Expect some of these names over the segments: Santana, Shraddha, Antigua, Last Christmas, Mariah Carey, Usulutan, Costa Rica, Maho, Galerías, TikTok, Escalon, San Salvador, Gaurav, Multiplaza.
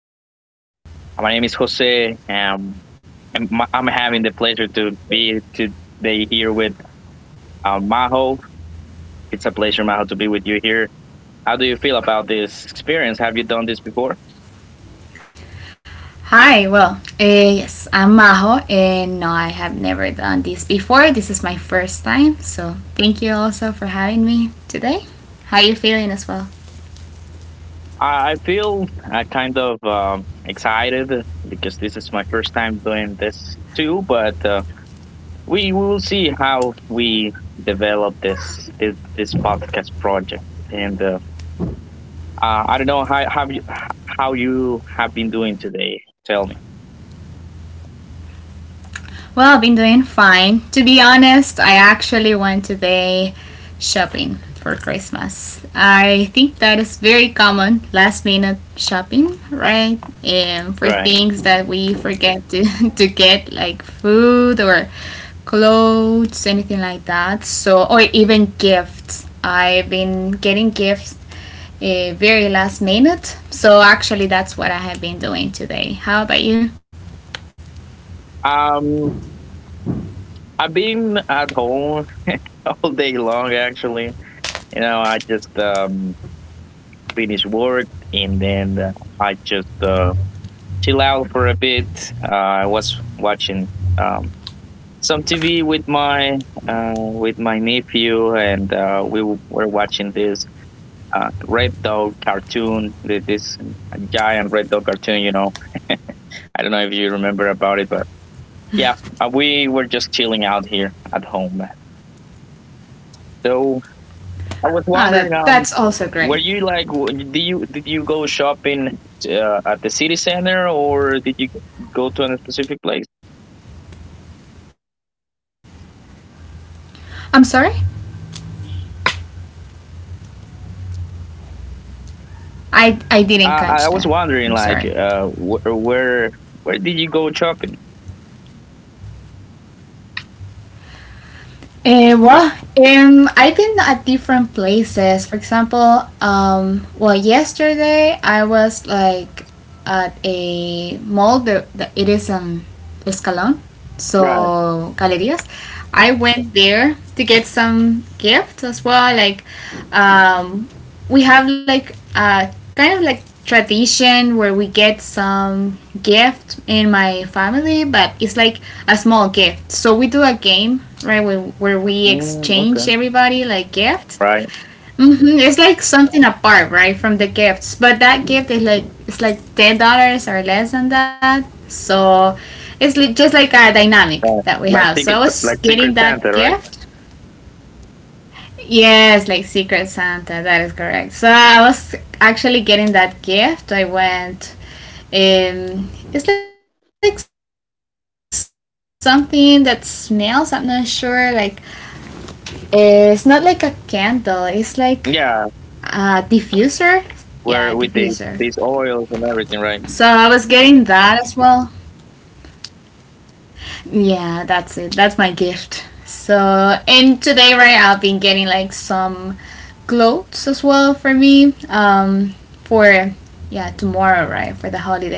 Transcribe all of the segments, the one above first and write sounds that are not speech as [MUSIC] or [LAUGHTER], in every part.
My name is Jose, and I'm having the pleasure to be today here with Maho. It's a pleasure, Maho, to be with you here. How do you feel about this experience? Have you done this before? Hi. Yes, I'm Maho, and no, I have never done this before. This is my first time, so thank you also for having me today. How are you feeling as well? I feel kind of excited because this is my first time doing this too, but we will see how we develop this podcast project and I don't know how have you, how you have been doing today. Tell me, Well, I've been doing fine. To be honest, I actually went today shopping for Christmas. I think that is very common, last minute shopping, right? And for right? things that we forget to, [LAUGHS] to get, like food or clothes, anything like that. So, or even gifts. I've been getting gifts very last minute. So, actually, that's what I have been doing today. How about you? Um, I've been at home [LAUGHS] all day long. Actually, I just finished work and then I just chill out for a bit. I was watching um some TV with my nephew, and were watching this Red Dog cartoon, this giant Red Dog cartoon, I don't know if you remember about it, but yeah, we were just chilling out here at home. So I was Ah, that, wondering, that's also were great. you like, w- do you did you go shopping at the city center or did you go to a specific place? I'm sorry? I didn't catch that. I I I'm I was sorry. wondering, like, where did you go shopping? Eh, well, I've been at different places. For example, well, yesterday I was like at a mall. The It is Escalon, Right. so Galerías. I went there to get some gifts as well, like um, we have like a kind of like tradition where we get some gift in my family, but it's like a small gift, so we do a game, right, where we Mm, okay. exchange everybody like gifts. Right. Hmm, it's like something apart, right, from the gifts, but that gift is like, it's like $10 or less than that, so it's just like a dynamic Right. that we Like have, so I ticket, like was Secret getting that Santa, right? gift. Yes, like Secret Santa, that is correct. So I was actually getting that gift. I went, um it's like something that smells, I'm not sure, like it's not like a candle, it's like a diffuser. Yeah, Yeah, diffuser. where with So these I was oils getting and everything, that as right? well. Yeah, that's it. That's my gift. So, and today, right, I've been getting like some clothes as well for me. For yeah, tomorrow, right, for the holidays,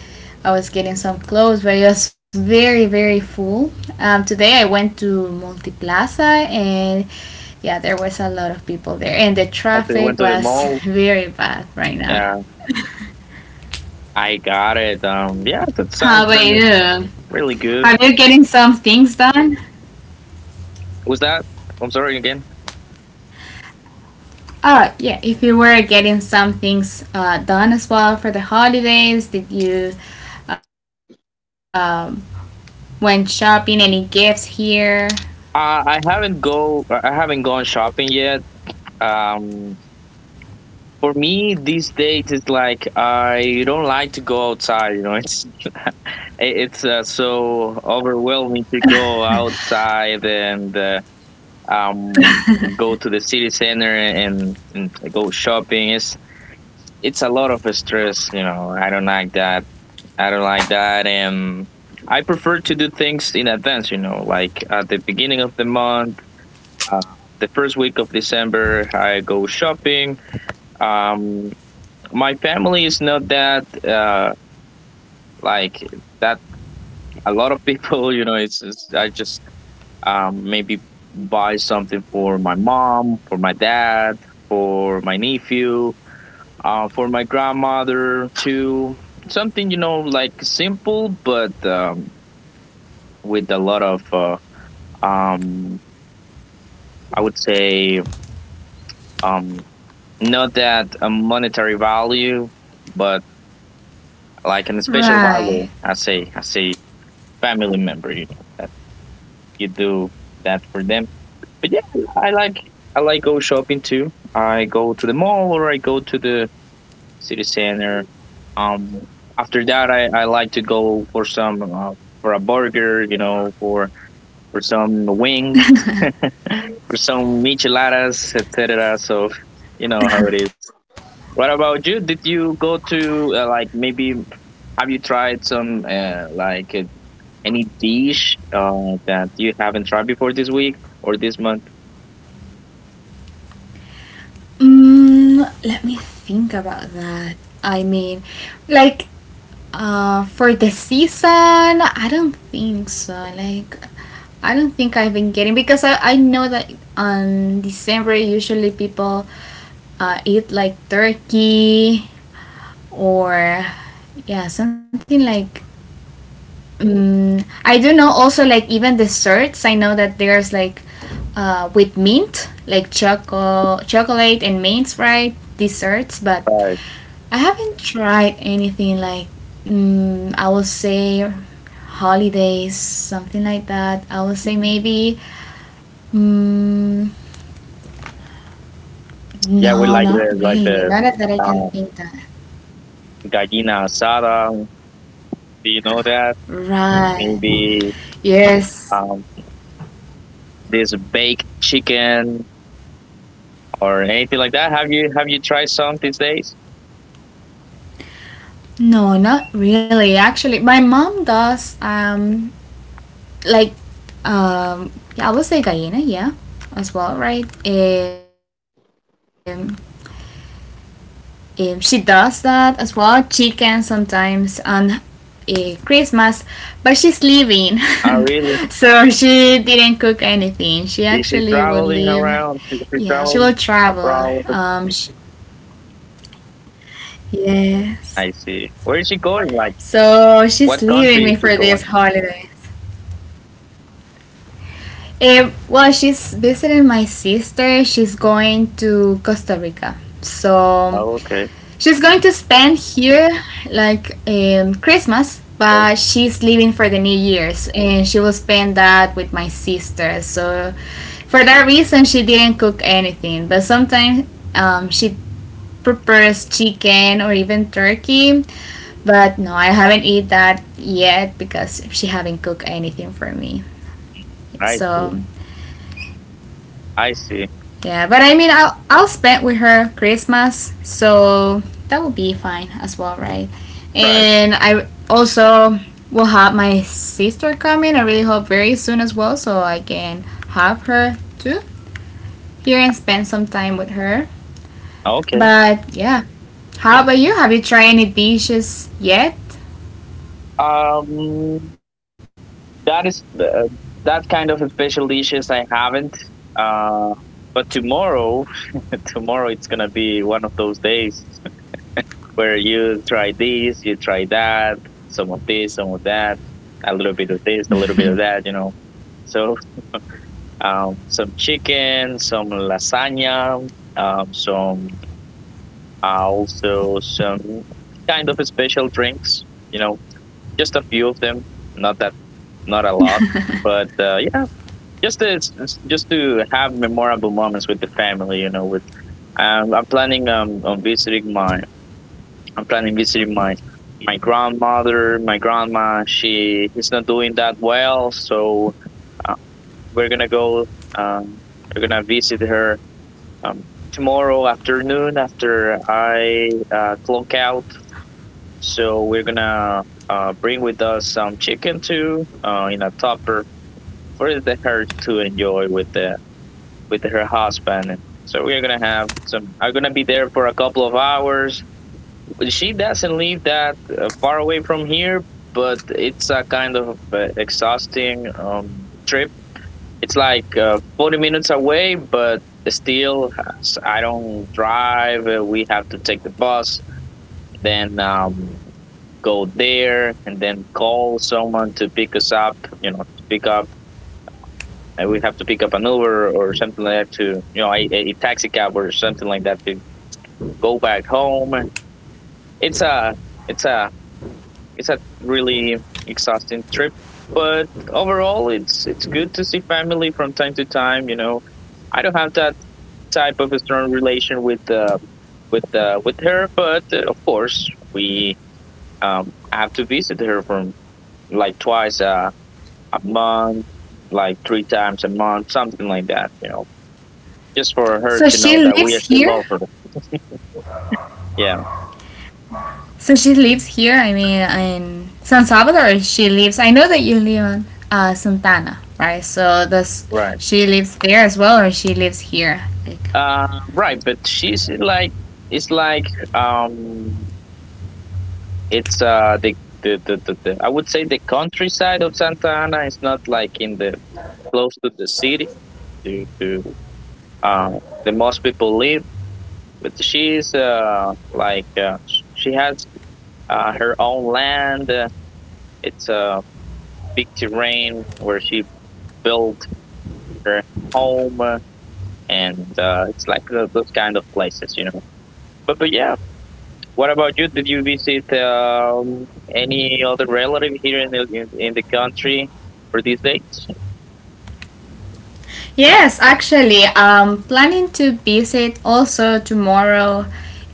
I was getting some clothes, but it was very, very full. Today I went to Multiplaza, and yeah, there was a lot of people there, and the traffic Actually, went to the was [LAUGHS] mall. very bad right now. Uh, I got it. Yeah, that How sounds about really, you? really good. Are you getting some things done? Was that? I'm sorry again. Oh, yeah. If you were getting some things done as well for the holidays, did you um, went shopping? Any gifts here? I haven't go. I haven't gone shopping yet. Um, for me these days it's like I don't like to go outside. You know, [LAUGHS] it's so overwhelming to go outside and um go to the city center and go shopping. It's a lot of stress. You know, I don't like that. I don't like that. And I prefer to do things in advance, like at the beginning of the month, uh, the first week of December, I go shopping. Um, my family is not that, like that. A lot of people, [LAUGHS] you know, it's I just maybe buy something for my mom, for my dad, for my nephew, for my grandmother too. Something, you know, like simple, but with a lot of um, I would say um, not that a monetary value, but like an special Right. value. I say family member, you know, that you do that for them. But yeah, I like I like go shopping too. I go to the mall or I go to the city center. Um, After that, I like to go for some for a burger, you know, for some wings for some micheladas, etc. So you know how it is. What about you? Did you go to like maybe have you tried some like any dish that you haven't tried before this week or this month? Mm, let me think about that. I mean, like for the season, I don't think so. Like, I don't think I've been getting, because I know that on December usually people eat like turkey or yeah something like. Mm, I do know also like even desserts. I know that there's like with mint, like chocolate and mint, right, desserts. But Right. I haven't tried anything like, mm, I will say holidays, something like that. I will say maybe, mm, Yeah, we no, like not the like really. the Not that I can um, think that. gallina asada. Do you know that? Right. Maybe Yes. um, this baked chicken or anything like that. Have you tried some these days? No, not really. Actually, my mom does. Like um yeah, I would say gallina, yeah, as well, right. Um, she does that as well, chicken sometimes on Christmas, but she's leaving, Oh, really? [LAUGHS] so she didn't cook anything. She Is she actually will traveling leave, around? Is she yeah, she will traveling travel. abroad? Sh Yes, I see. Where is she going? Like, so she's what leaving country is me she for this going? holiday. Well, she's visiting my sister. She's going to Costa Rica. So Oh, okay. she's going to spend here like Christmas, Yes, but she's leaving for the New Year's, and she will spend that with my sister. So, for that reason, she didn't cook anything. But sometimes she prepares chicken or even turkey. But no, I haven't eat that yet because she haven't cooked anything for me. I So see. I see. yeah, but I mean, I'll spend with her Christmas, so that will be fine as well, right? Right. And I also will have my sister coming. I really hope very soon as well, so I can have her too here and spend some time with her. Okay. But yeah, how about you? Have you tried any dishes yet? Um, that is that kind of special dishes I haven't. Uh, but tomorrow, [LAUGHS] tomorrow it's gonna be one of those days where you try this, you try that, some of this, some of that, a little bit of this, a little bit of that, you know. So some chicken, some lasagna, some also some kind of special drinks. You know, just a few of them, not that, not a lot, [LAUGHS] but yeah, just to just to have memorable moments with the family. You know, with um, I'm planning um on visiting my I'm planning visiting my grandmother, my grandma. She is not doing that well, so uh, we're gonna go. Um, we're gonna visit her um, tomorrow afternoon after I clock out. So we're gonna bring with us some chicken too in a topper for the her to enjoy with the with her husband. And so we're gonna have some. I'm gonna be there for a couple of hours. She doesn't live that far away from here, but it's a kind of exhausting trip. It's like 40 minutes away, but still, I don't drive. We have to take the bus, then go there, and then call someone to pick us up. And we have to pick up an Uber or something like that to, a taxi cab or something like that to go back home. It's a, it's a, it's a really exhausting trip. But overall, it's good to see family from time to time. You know, I don't have that type of a strong relation with with her, but of course we have to visit her from like twice a month, like three times a month, something like that. You know, just for her So to she know that lives we still here. love her. Yeah, So she lives here, I mean, in San Salvador, she lives. I know that you live on Santana, right? So does right. she lives there as well, or she lives here? Like, Uh, right, but she's like um it's the I would say the countryside of Santa Ana is not like in the close to the city to uh the most people live but she's like she has her own land. It's a big terrain where she built her home, and it's like those kind of places, you know. But yeah, what about you? Did you visit any other relative here in the country for these dates? yes, actually, I'm planning to visit also tomorrow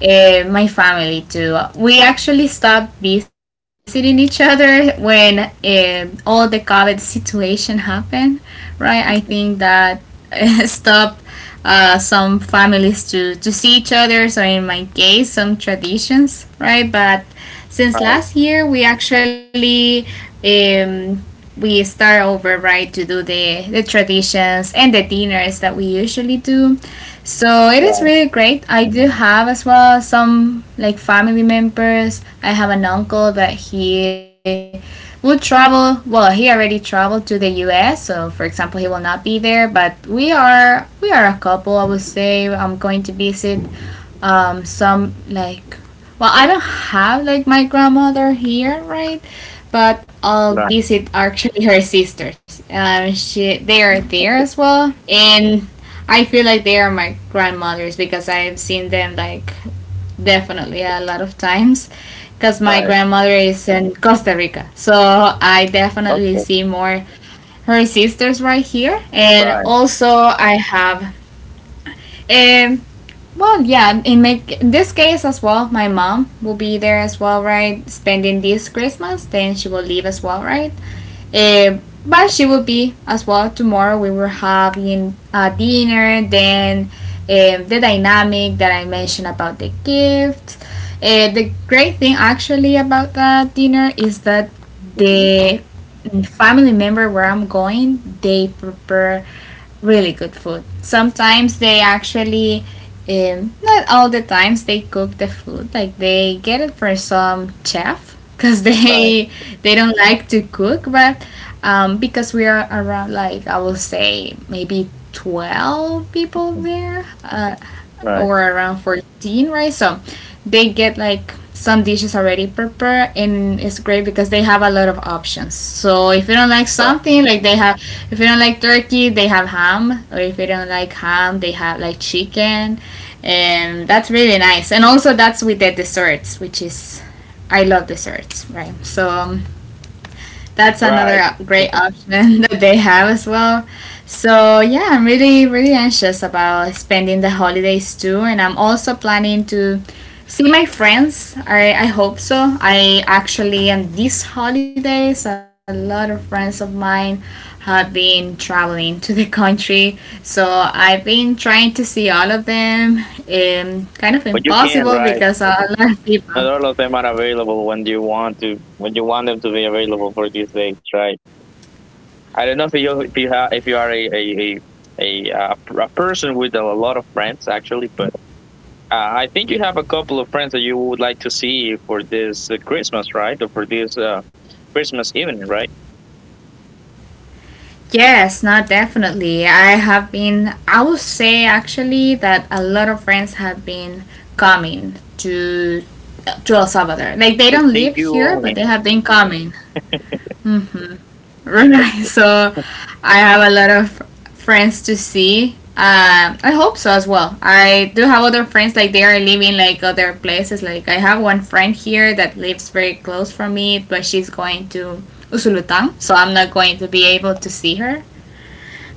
my family too. We actually stopped visiting each other when all the COVID situation happened, right? I think that [LAUGHS] stopped some families to see each other, so in my case, some traditions, right? But since Right, last year, we actually um, we start over, right, to do the traditions and the dinners that we usually do, so it is right, really great. I do have as well some like family members. I have an uncle that he will travel, well, he already traveled to the US, so for example, he will not be there, but we are a couple, I would say. I'm going to visit some like, well, I don't have like my grandmother here, right, but I'll right, visit actually her sisters. She They are there as well, and I feel like they are my grandmothers, because I've seen them like definitely a lot of times, because my right. grandmother is in Costa Rica. So I definitely Okay, see more her sisters, right, here. And right, also I have, um well, yeah, in this case as well, my mom will be there as well, right, spending this Christmas, then she will leave as well, right? Eh, but she will be as well tomorrow. We will having dinner, then the dynamic that I mentioned about the gift. The great thing actually about that dinner is that mhm, the family member where I'm going, they prepare really good food. Sometimes they actually, not all the times, they cook the food, like they get it from some chef, because [LAUGHS] right, they don't like to cook. But because we are around, like I will say maybe 12 people there, right, or around 14, right? So they get like some dishes already prepared, and it's great because they have a lot of options. So if you don't like right, something, like they have, if you don't like turkey, they have ham, or if you don't like ham, they have like chicken. And that's really nice. And also that's with the desserts, which is, I love desserts, right? So that's another right. great option [LAUGHS] that they have as well. So yeah, I'm really, really anxious about spending the holidays too, and I'm also planning to see my friends. I hope so. I actually, and these holidays, a lot of friends of mine have been traveling to the country, so I've been trying to see all of them. Kind of But you can, impossible, right? because a lot of Not people. all of them are available when you want them to be available for these days, right? I don't know if you are a, uh, a person with a lot of friends actually, but uh, I think you have a couple of friends that you would like to see for this Christmas, right? Or for this Christmas evening, right? Yes, not definitely. I have been, I will say actually that a lot of friends have been coming to El Salvador. Like they To don't see live you here, but only they have been coming. Mm, very [LAUGHS] so I have a lot of friends to see. I hope so as well. I do have other friends, like they are living like other places. Like I have one friend here that lives very close from me, but she's going to Usulutan, so I'm not going to be able to see her.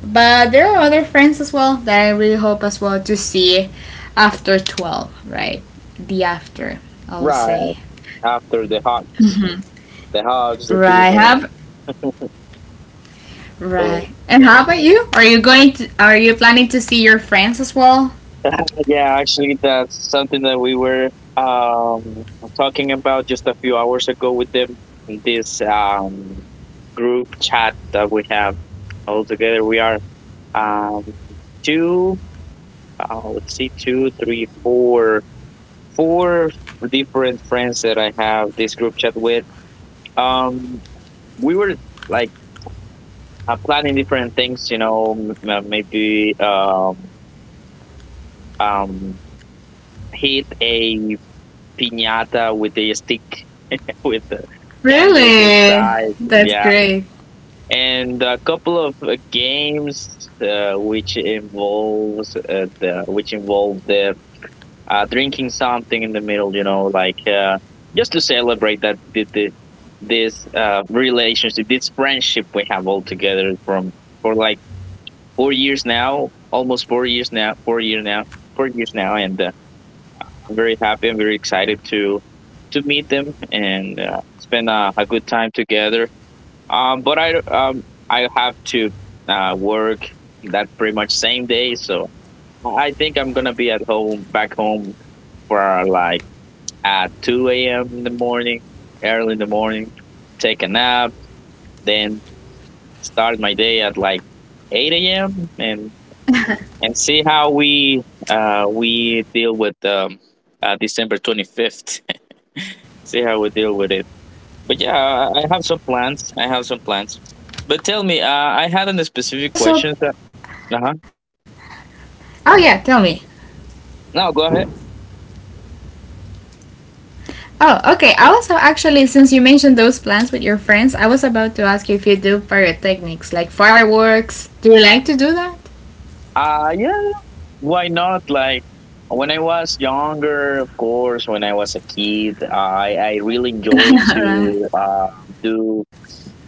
But there are other friends as well that I really hope as well to see after 12, right? The after, I'll right say. after the hugs, Mm-hmm. the hugs, the Right. dinner, Have oh, right. And how about you? Are you going to, are you planning to see your friends as well? [LAUGHS] yeah, actually, that's something that we were um, talking about just a few hours ago with them in this group chat that we have all together. We are um, two, let's see, two, three, four, different friends that I have this group chat with. Um, we were like planning different things, you know, maybe um, hit a piñata with a stick with the candies Really? inside. That's Yeah, great. and a couple of games which involves the which involve the drinking something in the middle. You know, like just to celebrate that this relationship, this friendship we have all together from for like 4 years now, almost 4 years now, 4 year now, 4 years now, and I'm very happy. I'm very excited to meet them and spend a good time together. But I have to work that pretty much same day, so I think I'm gonna be at home back home for like at 2 a.m. in the morning, early in the morning, take a nap, then start my day at like 8 a.m. and see how we deal with December 25th. [LAUGHS] See how we deal with it. But yeah, I have some plans. I have some plans. That's But tell great. me, That's I really had a great. specific Do you question like so. also, Uh-huh. oh yeah, tell me. No, go ahead. Oh, okay. I was actually, since you mentioned those plans with your friends, I was about to ask you if you do pyrotechnics, like fireworks. Do you like to do that? Yeah, why not? Like when I was younger, of course, when I was a kid, I really enjoyed [LAUGHS] Right, to do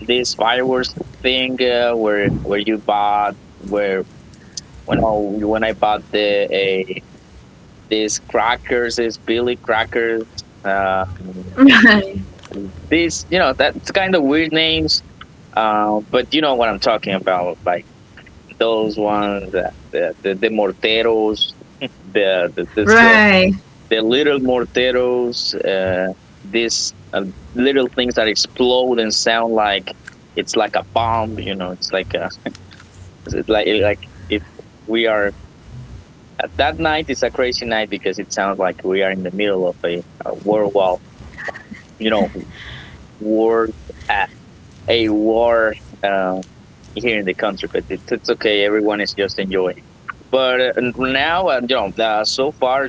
this fireworks thing where you bought where when I when I bought these crackers, these Billy crackers, um right, these you know that's kind of weird names, but you know what I'm talking about, like. Those ones, the morteros, [LAUGHS] the, the this uh, right. the little morteros, these little things that explode and sound like it's like a bomb. You know, it's like a it's like if we are that night. It's a crazy night because it sounds like we are in the middle of a world war, you know, war uh, a war uh, here in the country, but it's okay. Everyone is just enjoying. But now, so far,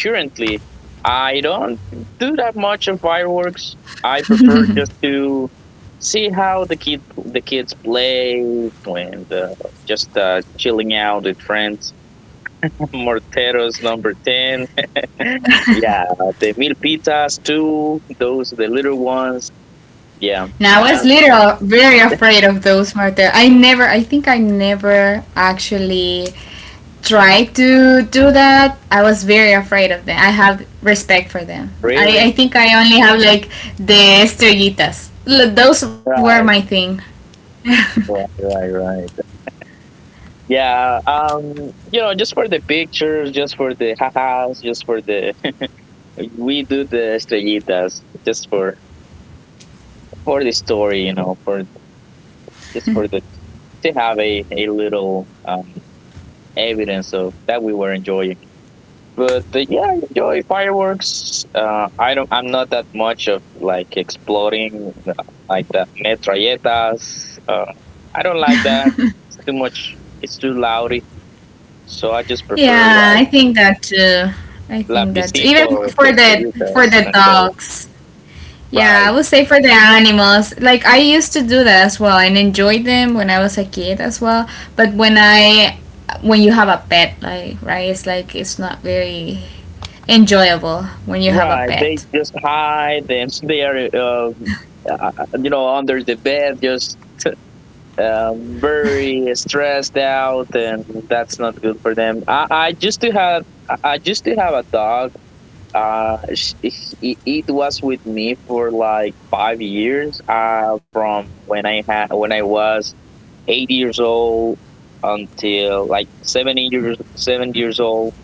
currently, I don't do that much of fireworks. I prefer just to see how the kids play, and just chilling out with friends. [LAUGHS] Morteros number ten, [LAUGHS] yeah, the milpitas too. Those the little ones, yeah. Now, I Uh, was literally very afraid of those martyrs. I never, I think I never actually tried to do that. I was very afraid of them. I have respect for them. I really, think I only have like the estrellitas. Those were my right, thing. [LAUGHS] right, right, right. Yeah, you know, just for the pictures, just for the hahas, just for the [LAUGHS] we do the estrellitas, just for the story, for just for the to have a little evidence of that we were enjoying. But yeah, I enjoy fireworks. I don't. I'm not that much of like exploding like the metralletas. I don't like that. It's too much. It's too loudy. So I just prefer Yeah, like I think that too. I think that too. Even lapicitos, for the for estrellitas, the okay. dogs. Yeah, I Right, would say for the animals. Like I used to do that as well and enjoy them when I was a kid as well. But when you have a pet, like right, it's like it's not very enjoyable when you have a right. They pet. just hide, and [LAUGHS] they are, uh, you know, under the bed, just very stressed out, and that's not good for them. I used to have a dog. Uh, sh- it was with me for like 5 years. From when I had, When I was 8 years old until like seven years old,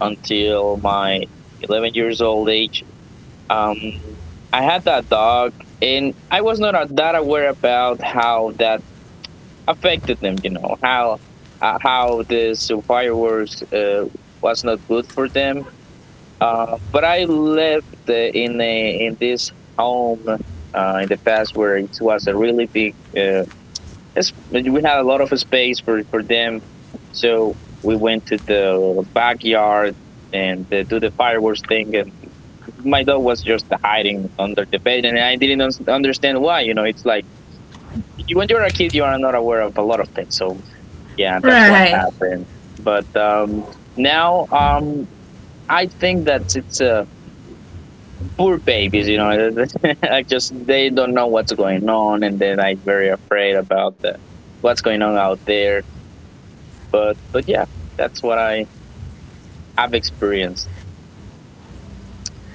until my 11 years old age. Um, I had that dog, and I was not that aware about how that affected them. You know how this fireworks was not good for them. But I lived in this home in the past, where it was a really big, we had a lot of space for them. So we went to the backyard and they do the fireworks thing. And my dog was just hiding under the bed. And I didn't understand why. You know, it's like, you, when you're a kid, you are not aware of a lot of things. So yeah, that's what Right. happened. But now, I think that it's poor babies, you know. [LAUGHS] I just They don't know what's going on, and then I'm very afraid about what's going on out there. But yeah, that's what I have experienced.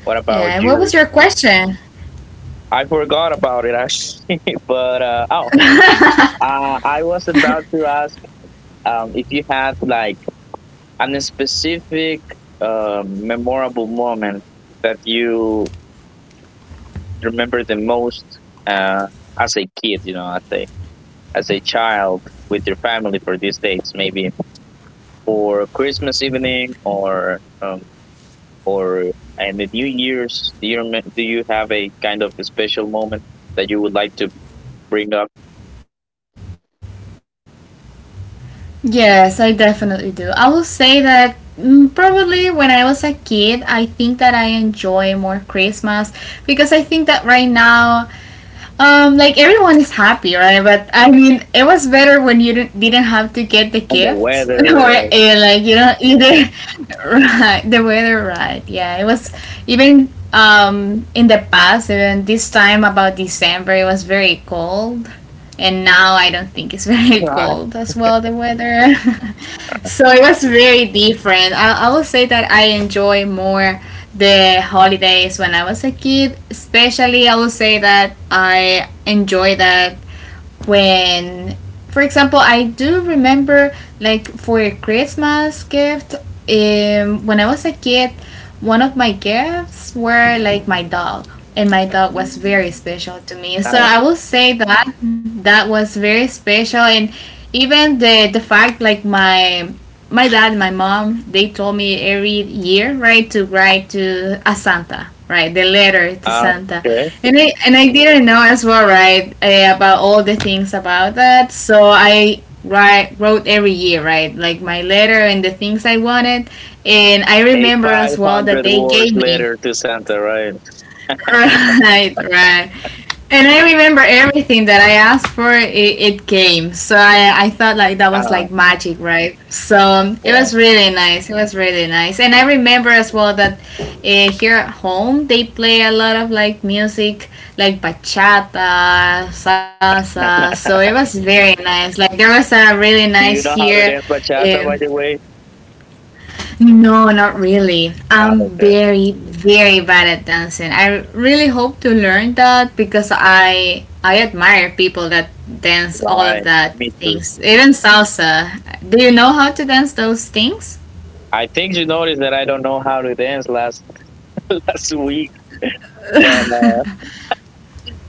What about Yeah, and what you? was your question? I forgot about it actually, [LAUGHS] but uh, oh, [LAUGHS] uh, I was about to ask if you had like a specific memorable moment that you remember the most, uh, as a kid, you know, as a child with your family for these dates, maybe for Christmas evening or and the New Year's. Do you have a kind of a special moment that you would like to bring up Yes, I definitely do. I will say that, mm, probably when I was a kid, I think that I enjoy more Christmas because I think that right now, like everyone is happy, right? But I mean, it was better when you didn't have to get the on the gift [LAUGHS] or weather? like, you know, either [LAUGHS] right, the weather, right. Yeah, it was even in the past, even this time about December, it was very cold, and now I don't think it's [LAUGHS] very [LAUGHS] cold Right? as well, the weather. [LAUGHS] So it was very different. I will say that I enjoy more the holidays when I was a kid. Especially, I will say that I enjoy that when, for example, I do remember, like, for a Christmas gift, when I was a kid, one of my gifts were like my dog, and my dog was very special to me, so Ah, I will say that that was very special. And even the fact like my dad and my mom, they told me every year, right, to write to a Santa, right, the letter to ah, Santa. okay. And I didn't know as well, right, about all the things about that. So I wrote every year, right, like my letter and the things I wanted. And I A remember as well that 500 they words gave me. [LAUGHS] letter to Santa, right? Right, right. And I remember everything that I asked for, it came. So I thought like that was Ah, like magic, right? So it yeah. was really nice. It was really nice. And I remember as well that here at home they play a lot of like music, like bachata, salsa. So it was very nice. Like there was a really Do nice you know how here. to dance bachata, Um, by the way? no, not really. Ah, I'm okay. very, very bad at dancing. I really hope to learn that, because I admire people that dance all of Right. that Me too. things, even salsa. Do you know how to dance those things? I think you noticed that I don't know how to dance last [LAUGHS] last week, but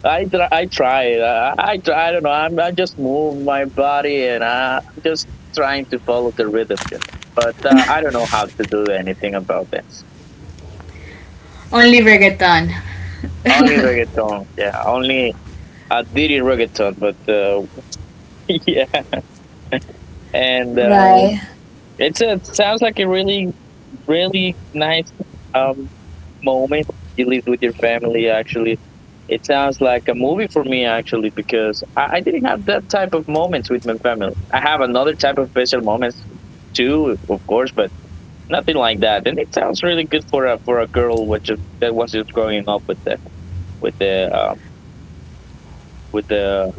I try, I try. I try. I don't know. I just move my body, and I- am just trying to follow the rhythm. You know? But I don't know how to do anything about this. Only reggaeton. Only reggaeton. Yeah. Only I did it reggaeton, but [LAUGHS] yeah. And Right. It sounds like a really really nice um moment you live with your family, actually. It sounds like a movie for me, actually, because I didn't have that type of moments with my family. I have another type of special moments too, of course, but nothing like that. And it sounds really good for a girl, that was just growing up with the with the with the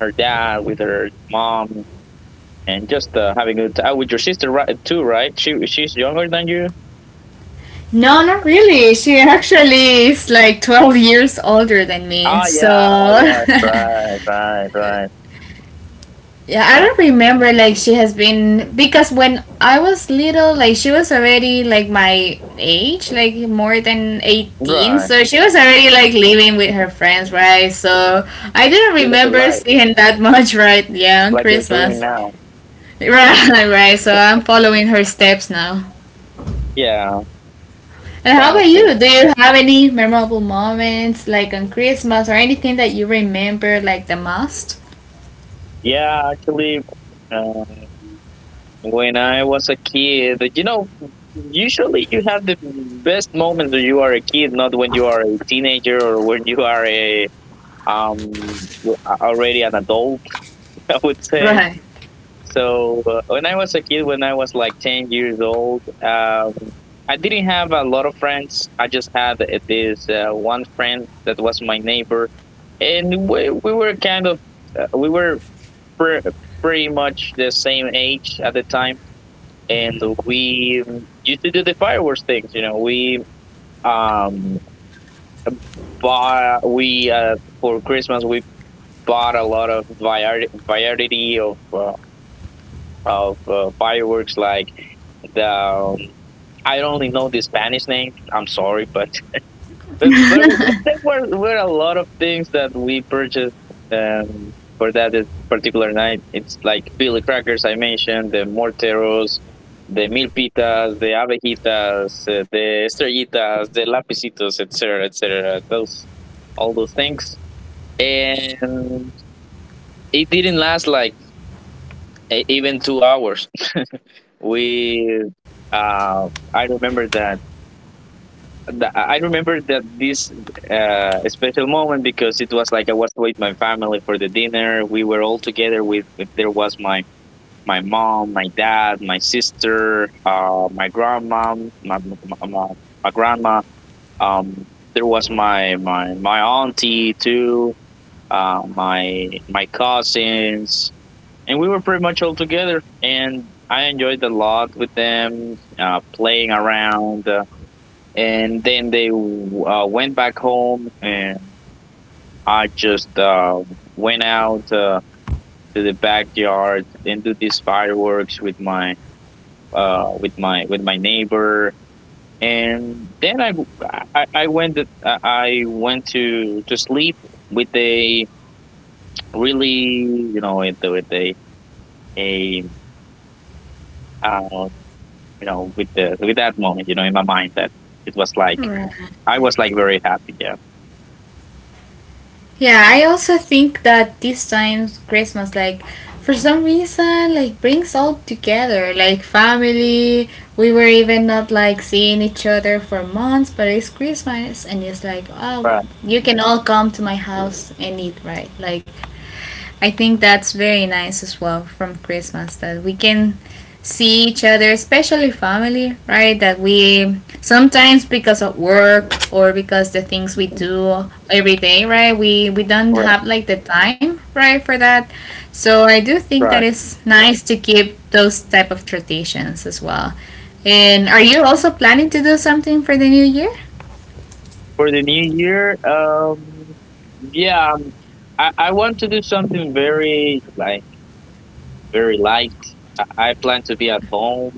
her dad, with her mom, and just having a good time with your sister, right? Too, right? She's younger than you. No, not really. She actually is like 12 years older than me. Ah, So yeah, [LAUGHS] yeah, right, right, right, yeah, I uh, don't remember like she has been, because when I was little, like she was already like my age, like more than 18. right, So she was already like living with her friends, right? So I didn't living the remember [LAUGHS] life seeing that much, right? Yeah, on like you're doing Christmas. [LAUGHS] now. Right, right. So I'm following her steps now. Yeah, And how about sounds good. you? Do you have any memorable moments like on Christmas or anything that you remember like the most? Yeah, actually, uh, when I was a kid, you know, usually you have the best moments when you are a kid, not when you are a teenager, or when you are a um already an adult. [LAUGHS] I would say. Right. So when I was a kid, when I was like 10 years old, I didn't have a lot of friends. I just had this one friend that was my neighbor, and we were kind of, uh, we were pre- pretty much the same age at the time, and we used to do the fireworks things. You know, we um bought we for Christmas we bought a lot of variety of fireworks, like the I only know the Spanish name. I'm sorry, but were a lot of things that we purchased, um, for that particular night. It's like Billy Crackers I mentioned, the Morteros, the Milpitas, the Abejitas, the Estrellitas, the Lapicitos, etc., etc. Those all those things, and it didn't last like even 2 hours. We uh, I remember I remember that this special moment, because it was like I was with my family for the dinner. We were all together with there was my mom, my dad, my sister, my grandma, my my, my, my grandma. Um, there was my auntie too, my cousins, and we were pretty much all together. And I enjoyed a lot with them, playing around, and then they went back home, and I just went out to the backyard and do these fireworks with my with my with my neighbor. And then i, I went I went to sleep with a, really, you know, with a uh, you know, with the with that moment, you know, in my mind, that it was like, Right. I was like very happy, yeah. Yeah, I also think that this time Christmas, like for some reason, like brings all together, like family. We were even not like seeing each other for months, but it's Christmas, and it's like, oh, Right. you can all come to my house and eat, right? Like I think that's very nice as well from Christmas, that we can see each other, especially family, right? That we sometimes because of work or because the things we do every day, right, we don't Right. have like the time, right, for that. So I do think that Right. it's nice to keep those type of traditions as well. And are you also planning to do something for the new year? For the new year, yeah, um, I want to do something very like very light. I plan to be at home,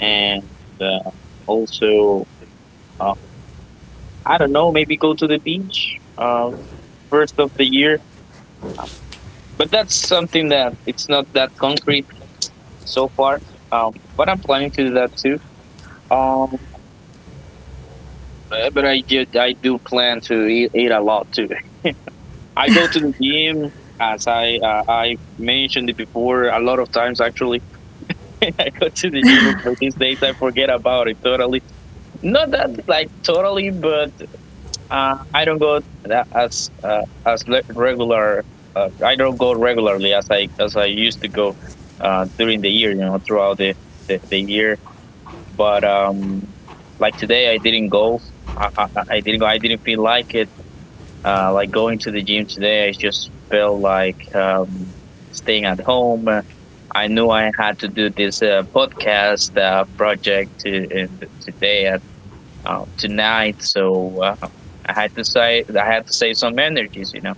and uh, also uh, I don't know, maybe go to the beach first of the year. But that's something that it's not that concrete so far. But I'm planning to do that too. Um, but I do plan to eat a lot too. I go to the gym, as I mentioned it before a lot of times, actually. [LAUGHS] I go to the gym, but for these days I forget about it totally. Not that like totally, but I don't go that as regular. I don't go regularly as I used to go during the year. You know, throughout the year. But like today, I didn't go. I didn't go. I didn't feel like it, like going to the gym today. I just felt like, staying at home. I knew I had to do this podcast project, today at tonight, so I had to save some energies, you know.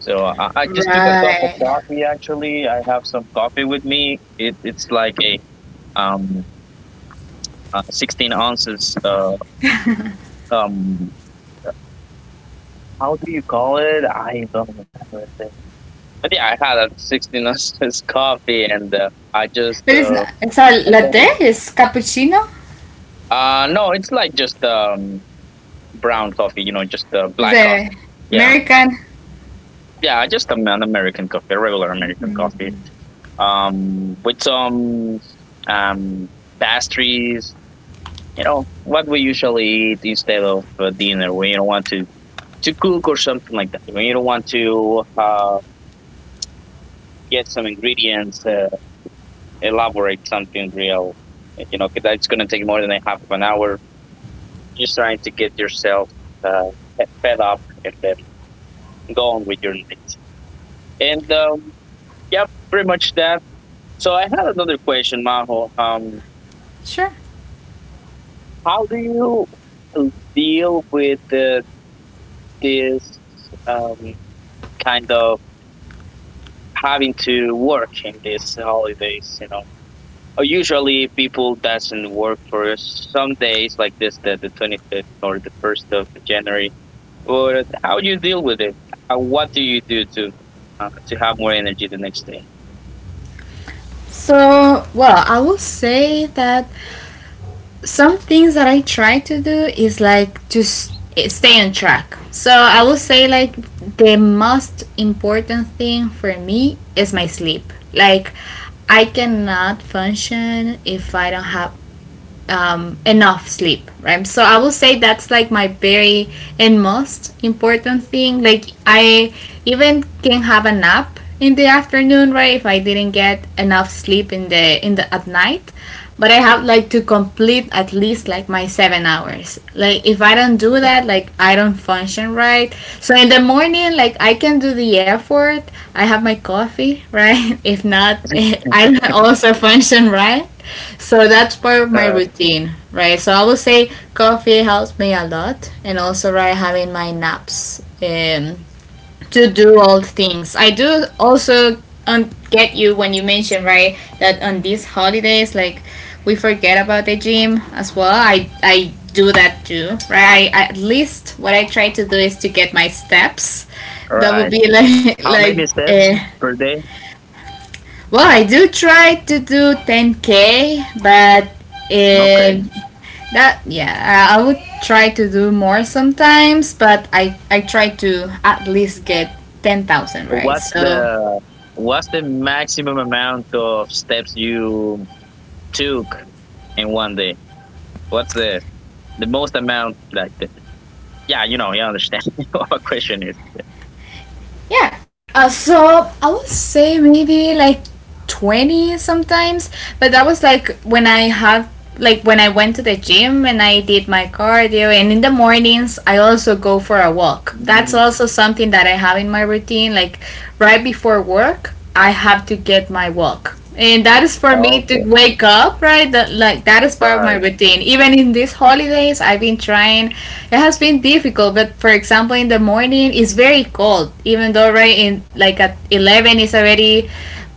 So I just took a cup of Right. coffee. Actually, I have some coffee with me. It's like a um 16 ounces, um how do you call it? I don't remember the But yeah, I had a 16 ounces [LAUGHS] coffee, and I just, But it's not I'm latte, done. it's cappuccino. No, it's like just brown coffee, you know, just black coffee. The Yeah, American. yeah, just an American coffee, a regular American coffee, with some um pastries. You know what we usually eat instead of dinner, when you don't want to cook or something like that. When you don't want to get some ingredients, elaborate something real. You know, 'cause that's going to take more than a half of an hour. Just trying to get yourself uh, fed up and then go on with your next. And yeah, pretty much that. So I had another question, Maho. Sure. How do you deal with this um, kind of having to work in these holidays? You know, usually people doesn't work for some days like this, the 25th or the first of January. But how do you deal with it? What do you do to have more energy the next day? So, well, I will say that some things that I try to do is like to stay on track. So, I will say like the most important thing for me is my sleep. Like, I cannot function if I don't have enough sleep, right? So I will say that's like my very and most important thing. Like I even can have a nap in the afternoon, right, if I didn't get enough sleep in the at night. But I have like to complete at least like my 7 hours. Like if I don't do that, like I don't function, right? So in the morning, like I can do the effort. I have my coffee, right? [LAUGHS] If not, [LAUGHS] I don't also function, right? So that's part of my Uh, routine, right? So I will say coffee helps me a lot, and also right having my naps to do all things. I do also get you when you mention, right, that on these holidays, like we forget about the gym as well. I do that too, right? I, at least what I try to do is to get my steps. That would right. be [LAUGHS] like How like many uh, steps per day? well, I do try to do 10k, but Okay. uh, that, yeah, I would try to do more sometimes, but I try to at least get 10,000, right. What's So the what's the maximum amount of steps you took in one day? What's the most amount, like yeah, you know, you understand [LAUGHS] what my question is. yeah, so I would say maybe like 20 sometimes, but that was like when I have, like when I went to the gym and I did my cardio. And in the mornings, I also go for a walk. That's Mm, also something that I have in my routine, like right before work, I have to get my walk. And that is for me to okay. wake up, right? that like that is part of my Right, routine even in these holidays. I've been trying, it has been difficult, but for example, in the morning, it's very cold, even though right in, like at 11 it's already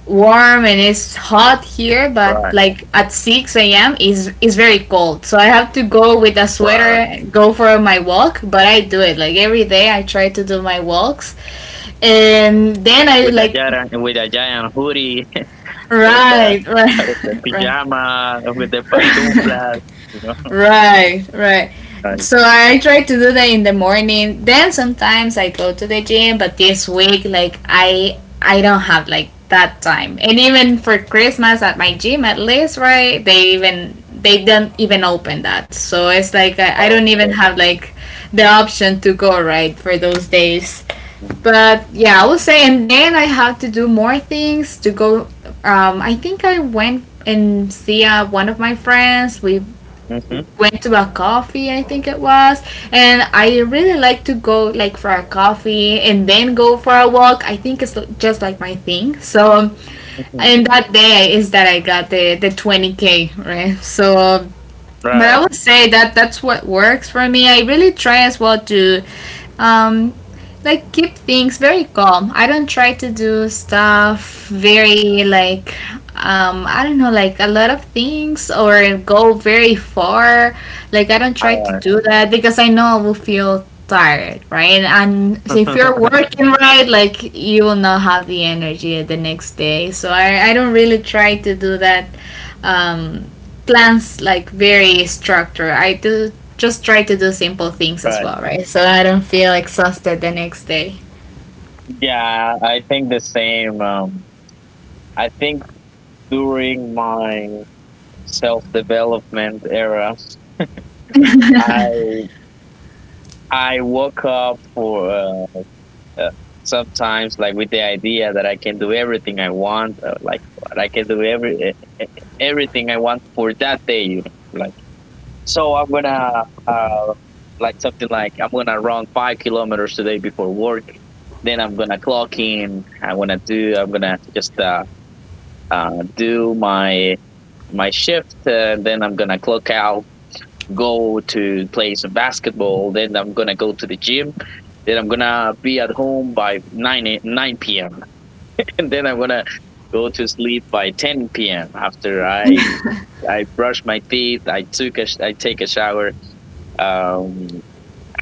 warm and it's hot here, but right, like at 6 a.m. Is very cold, so I have to go with a right. sweater, go for my walk. But I do it like every day. I try to do my walks and then I With a like giant with a giant hoodie, with the right [LAUGHS] with the right pajama, with the [LAUGHS] right. pantuflas, you know, Right, right. right, So I try to do that in the morning. Then sometimes I go to the gym, but this week like I don't have like that time. And even for Christmas at my gym at least, right? They even they don't even open that. So it's like I don't even all have like the option to go right for those days. But yeah, I would say. And then I have to do more things to go I think I went and see one of my friends. We mm-hmm, went to a coffee, I think it was, and I really like to go like for a coffee and then go for a walk. I think it's just like my thing. So, hmm, and that day is that I got the 20k, right? So, but I right, would say that that's what works for me. I really try as well to, um, like keep things very calm. I don't try to do stuff very like, I don't know, like a lot of things, or go very far. Like I don't try to all do that because I know I will feel tired, right? And so if you're right, [LAUGHS] working, right, like you will not have the energy the next day. So I don't really try to do that um, plans like very structured. I do just try to do simple things as right. well, right? So I don't feel exhausted the next day. Yeah, I think the same. I think during my self development era, I I woke up for uh, sometimes, like, with the idea that I can do everything I want, like I can do everything I want for that day, like. So I'm gonna like something like I'm gonna run 5 kilometers today before work. Then I'm gonna clock in. I'm gonna just uh, do my shift. Then I'm gonna clock out. Go to play some basketball. Then I'm gonna go to the gym. Then I'm gonna be at home by 9 p.m. [LAUGHS] And then I'm gonna go to sleep by 10 p.m. After I brush my teeth, I take a shower. Um,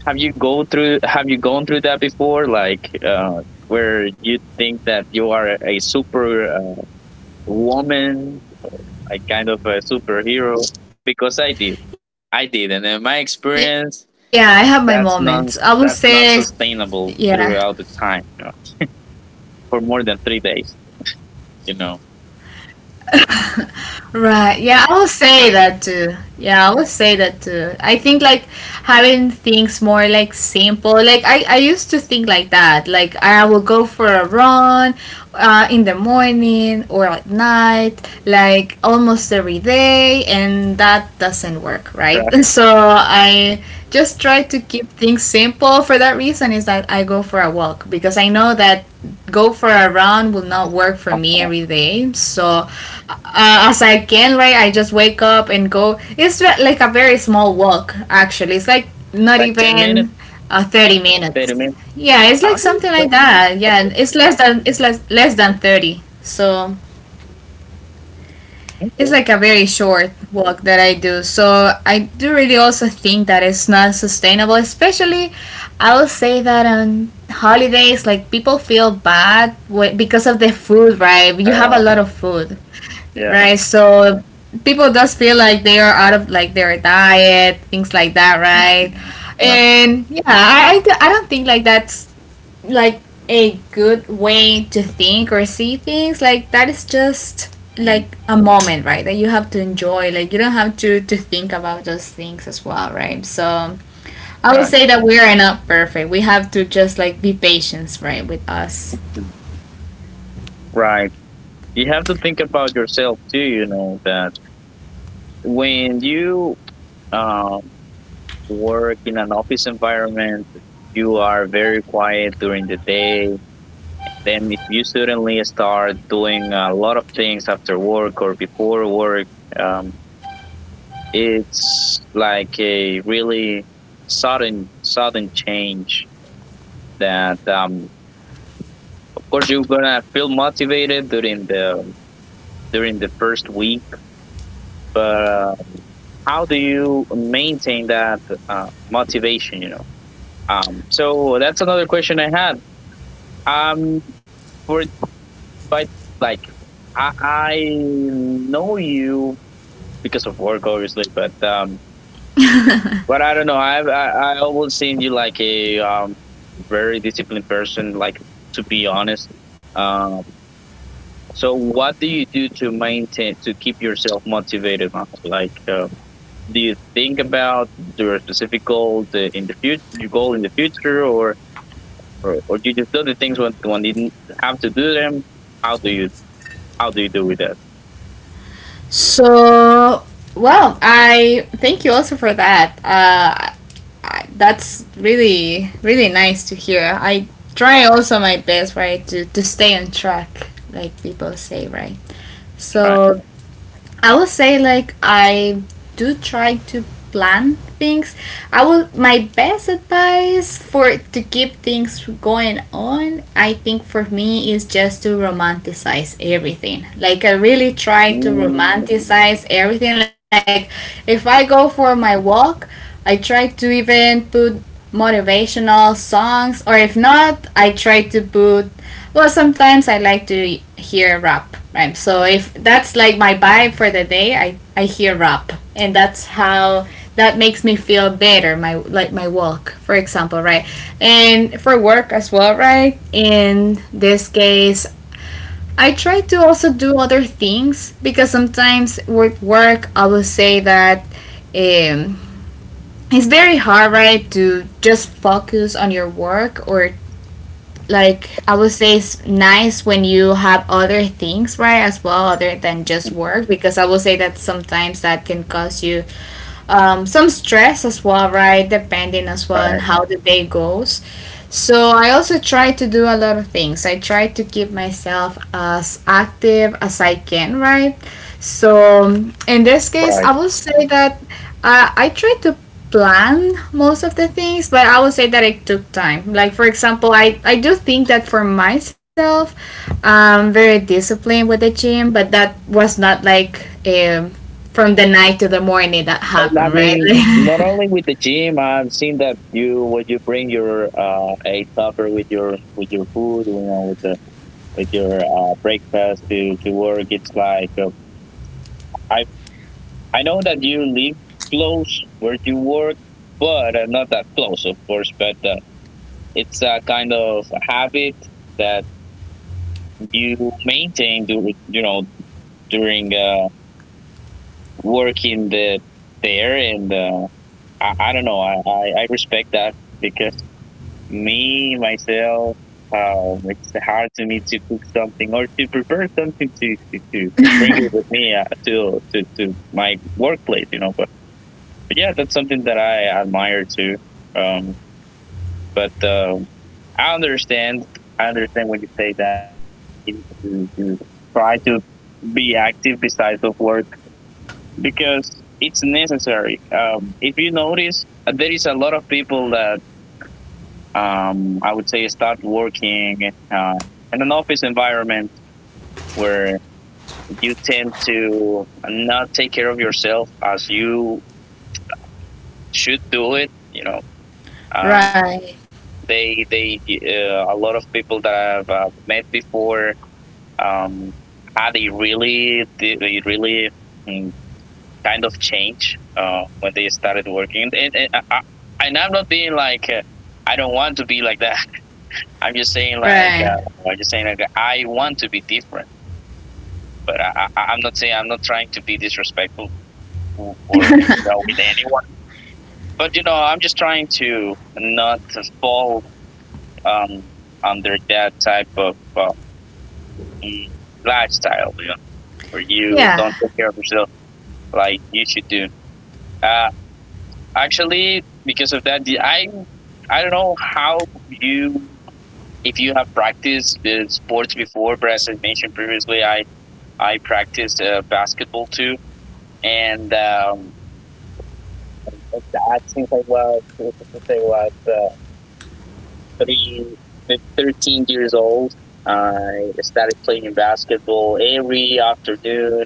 have you gone through that before, like, where you think that you are a super woman, like, kind of a superhero? Because I did, I did, and in my Yeah, I have experience my moments. I will that's say, not yeah. sustainable throughout the time, for more than 3 days you know Right. Yeah, I will say that too. Yeah, I will say that too. I think like having things more like simple. Like I used to think like that. Like I will go for a run in the morning or at night, like almost every day, and that doesn't work, right? [LAUGHS] Right. So I just try to keep things simple. For that reason, is that I go for a walk, because I know that go for a run will not work for me Uh, every day. So as I can, right, I just wake up and go. It's like a very small walk actually. It's like not like, 10 even minutes, 30 minutes. 30 minutes, Yeah, it's I like think something so. like that. Yeah, and it's less than, it's less than 30. So it's Okay. like a very short walk that I do. So I do really also think that it's not sustainable, especially I will say that on holidays, like people feel bad because of the food, right? All You have a right. lot of food, Yeah. right? So people just feel like they are out of like their diet, things like that, right? Mhm. And yeah, I don't think like that's like a good way to think or see things, like that is just like a moment, right, that you have to enjoy, like you don't have to think about those things as well, right? So I would Right. say that we are not perfect, we have to just like be patient, right, with us. Mhm. Right. Mhm. Right. You have to think about yourself too, you know, that when you um, work in an office environment, you are very quiet during the day. Then, if you suddenly start doing a lot of things after work or before work, um, it's like a really sudden change. That Of course you're gonna feel motivated during the first week, but how do you maintain that motivation? You know. So that's another question I had. Um, for but Like, I know you because of work, obviously, but but I don't know. I've I always seen you like a very disciplined person. Like, to be honest. Um, so what do you do to keep yourself motivated, Marco? Like, do you think about your specific goal in the future, your goal in the future, or or you just do the things when you didn't have to do them? How do you how do you do with that? So, well, I thank you also for that I, that's really really nice to hear. I try also my best, right, to stay on track like people say, right. Right. So I will say like I do try to plan things. I will, my best advice for to keep things going on, I think for me is just to romanticize everything. Like I really try to Mm. romanticize everything. Like if I go for my walk, I try to even put motivational songs, or if not, I try to put, well, sometimes I like to hear rap, right? So if that's like my vibe for the day, I hear rap, and that's how that makes me feel better. My like my walk, for example, right? And for work as well, right? In this case, I try to also do other things because sometimes with work, I will say that um, it's very hard, right, to just focus on your work, or like I would say it's nice when you have other things, right, as well, other than just work, because I would say that sometimes that can cause you some stress as well, right? Depending as well on Right, how the day goes. So I also try to do a lot of things. I try to keep myself as active as I can, right? So in this case, right. I will say that I try to plan most of the things, but I will say that it took time. Like for example, I do think that for myself, I'm very disciplined with the gym, but that was not like a from the night to the morning that And I happened, right? mean, not only [LAUGHS] with the gym, I've seen that you, when you bring your a topper with your food, you know, with the with your breakfast to work. It's like, I I know that you live close where you work, but not that close, of course. But it's a kind of habit that you maintain, you know, during working there, and I don't know, I respect that because, me myself, it's hard to me to cook something or to prepare something to bring it with me to my workplace, you know. But yeah, that's something that I admire too. Um, but I understand, I understand when you say that is to try to be active besides of work because it's necessary. If you notice, there is a lot of people that I would say start working uh, in an office environment where you tend to not take care of yourself as you should do it. You know, um, Right, they a lot of people that I've met before um, had a really mm, kind of change when they started working. And I'm not being like, I don't want to be like that. [LAUGHS] I'm just saying, like, right. I want to be different, but I'm not saying, I'm not trying to be disrespectful, or, with anyone. But I'm just trying to not fall um, under that type of lifestyle, where you Yeah, don't take care of yourself like you should do. Uh, actually, because of that, I don't know how you if you have practiced the sports before, but as I mentioned previously, I practiced basketball too, and that since I was three thirteen years old, I started playing basketball every afternoon,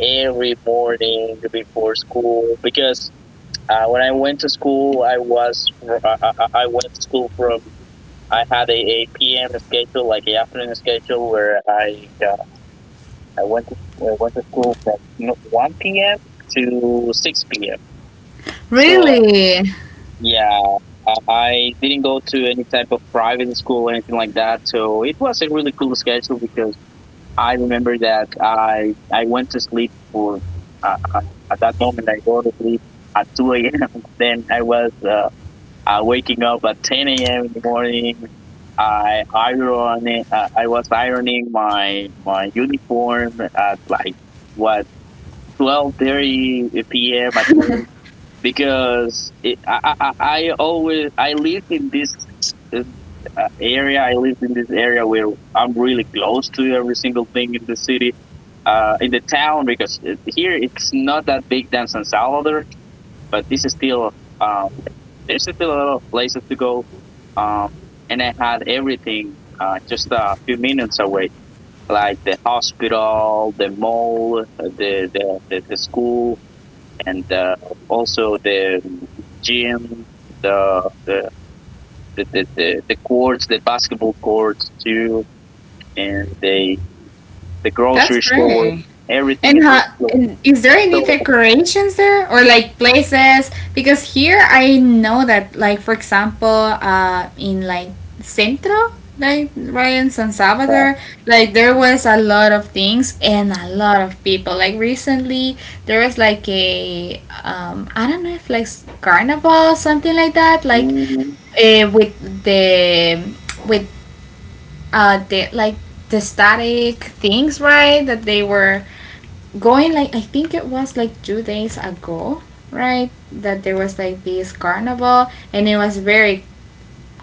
every morning before school because when I went to school, I was I went to school from, I had a PM schedule, like a afternoon schedule, I went to I went to school from no, 1 p.m. to six PM. So really. yeah, I didn't go to any type of private school or anything like that. So it was a really cool schedule because I remember that I went to sleep for uh, uh, at that moment I go to sleep at 2 a.m. [LAUGHS] Then I was waking up at 10 a.m. in the morning. I was ironing my uniform at, like, what, 12:30 p.m., at noon, because it, I always I live in this uh, area. I live in this area where I'm really close to every single thing in the city. In the town, because here it's not that big than San Salvador, but this is still uh, there's still a lot of places to go. Um, and I had everything just a few minutes away, like the hospital, the mall, the school, and also the gym, the the, the courts, the basketball courts too, and the That's grocery store. great. Everything is And how? really close. And is there any So, decorations there or like places? Because here I know that, like, for example, in like Centro, like right in San uh, Salvador, like there was a lot of things and a lot of people. Like recently, there was like a I don't know if like carnival, something like that. Like mm, with the with like the static things, right, that they were going, like I think it was like 2 days ago, right, that there was like this carnival, and it was very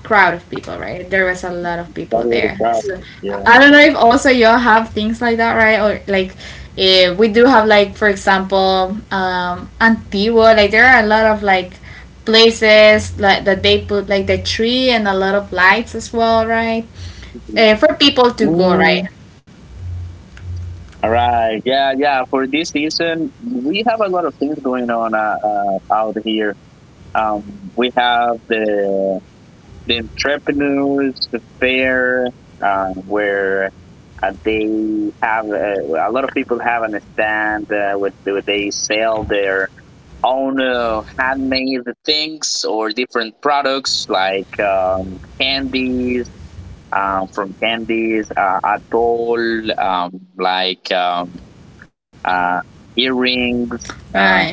crowd of people, right? There was a lot of that people really there. proud. So Yeah. I don't know if also y'all have things like that, right? Or like we do have like for example Antigua, like there are a lot of like places like that they put like the tree and a lot of lights as well, right? For people to go, Mm. right? All right. Yeah, yeah. For this season, we have a lot of things going on out here. Um, we have the fair, where they have a lot of people have an stand with where they sell their own handmade things or different products, like candies, from candies, atoll, Right. Uh, earrings,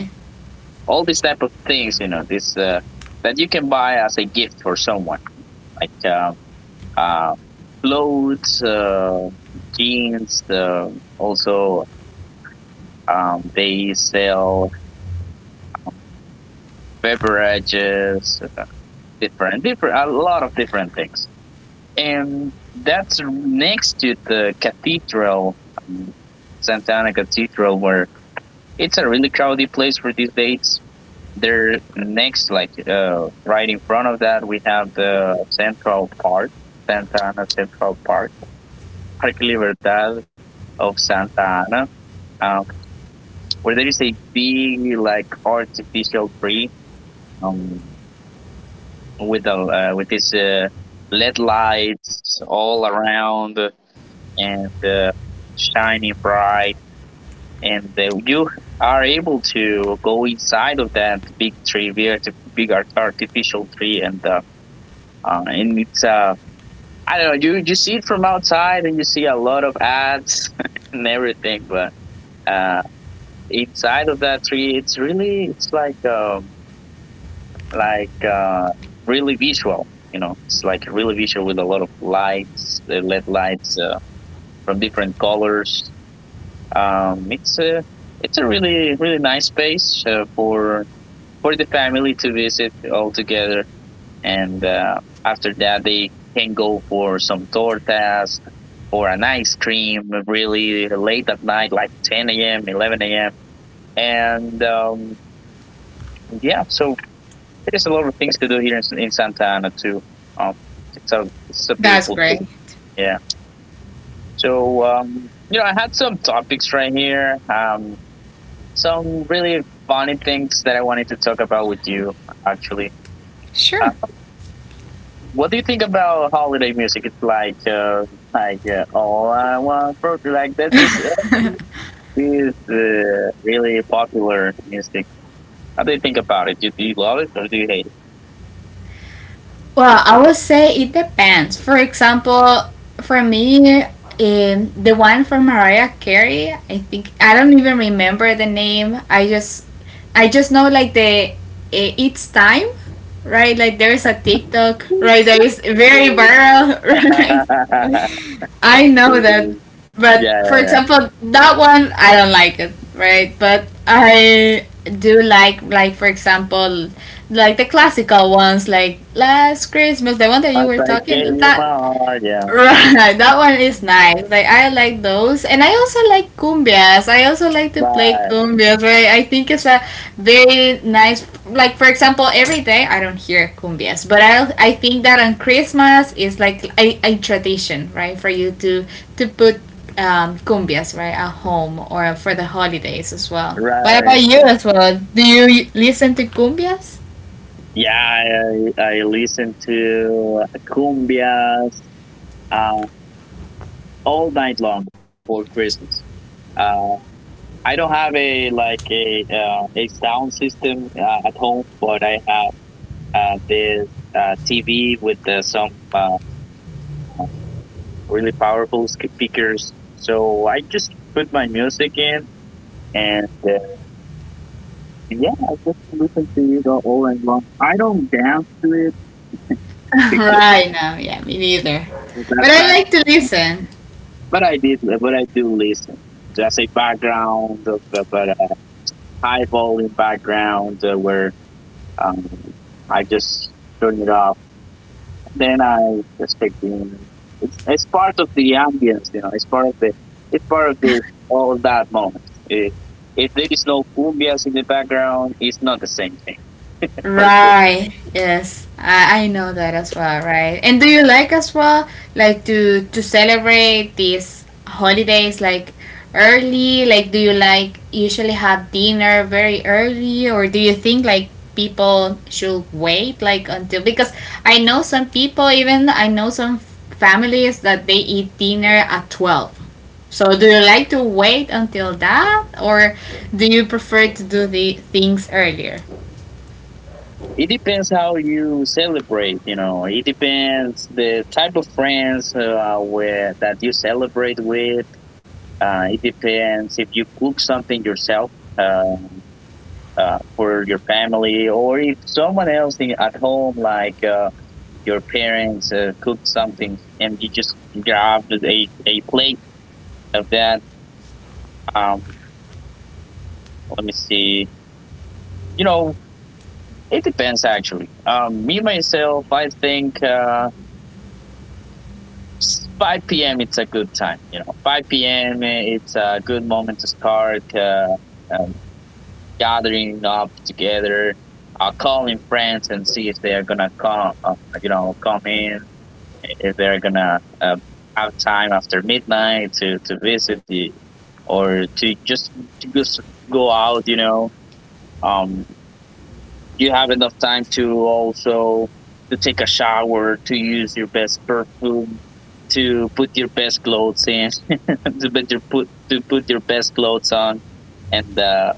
all these type of things, you know, this that you can buy as a gift for someone, like uh, uh, clothes, jeans. Also, they sell beverages, different, a lot of different things. And that's next to the cathedral, um, Santa Ana Cathedral, where it's a really crowded place for these dates. There next, like Right in front of that, we have the Central Park, Santa Ana Central Park, Parque Libertad of Santa Ana, um, where there is a big, like, artificial tree, um, with a with this LED lights all around, and shining bright, and you are able to go inside of that big tree, big, arti- big art- artificial tree, and and it's I don't know. You see it from outside, and you see a lot of ads [LAUGHS] and everything. But uh, inside of that tree, it's like, like uh, really visual. You know, it's like really visual with a lot of lights, LED lights from different colors. Um, it's a it's a really, really nice space for the family to visit all together, and after that they can go for some tortas or an ice cream really late at night, like 10 a.m., 11 a.m. And yeah, so there's a lot of things to do here in Santa Ana too. um, it's a it's a That's beautiful great. city, yeah. So you know, I had some topics right here, some really funny things that I wanted to talk about with you, actually. Sure. What do you think about holiday music? It's like, like, all I want for, like, that. This is really popular music. How do you think about it? Do love it, or do you hate Well, I would say it depends. For example, for me, the one from Mariah Carey, I think I don't even remember the name. I just know like the it's time, right? Like there is a TikTok, right? There is it? very viral, [LAUGHS] right? [LAUGHS] I know Mm. that, but Yeah, for yeah, yeah. example, that one I don't like it, right? But I do like for example, like the classical ones, like Last Christmas, the one that I you were say, give talking. you my That heart. Yeah. right, that one is nice. Like I like those, and I also like cumbias. I also like to play Right, cumbias. Right, I think it's a very nice. Like for example, every day I don't hear cumbias, but I think that on Christmas is like a tradition, right, for you to put cumbias right at home or for the holidays as well. What right. about you as well? Do you listen to cumbias? Yeah, I listen to cumbias uh, all night long for Christmas. Uh, I don't have a like a sound system at home, but I have this TV with some really powerful speakers. So I just put my music in, and yeah, I just listen to it all night long. I don't dance to it [LAUGHS] because Right now, yeah, me neither. of that But I type, like to listen. but I did, but I do listen. Just a background, of, but a high volume background where um, I just turn it off, then I just take the. It's part of the ambience, you know. It's part of the all that moment. If if there is no cumbias in the background, it's not the same thing. For sure. Right. Yes. I know that as well, right? And do you like as well like to celebrate these holidays like early? Like do you like usually have dinner very early, or do you think like people should wait like until, because I know some people, even I know some families that they eat dinner at 12. So do you like to wait until that, or do you prefer to do the things earlier? It depends how you celebrate, you know. It depends the type of friends where that you celebrate with. It depends if you cook something yourself. Uh, for your family, or if someone else at home, like your parents cook something and you just grabbed a plate of that. Um, Let me see. You know, it depends, actually. Me myself, I think 5 p.m. it's a good time. You know, 5 p.m. it's a good moment to start um, gathering up together, calling friends and see if they are gonna come. You know, come in if they're gonna have time after midnight to visit the or to just go out, you know. um you have enough time to also to take a shower, to use your best perfume, to put your best clothes in [LAUGHS] to put your put to put your best clothes on. And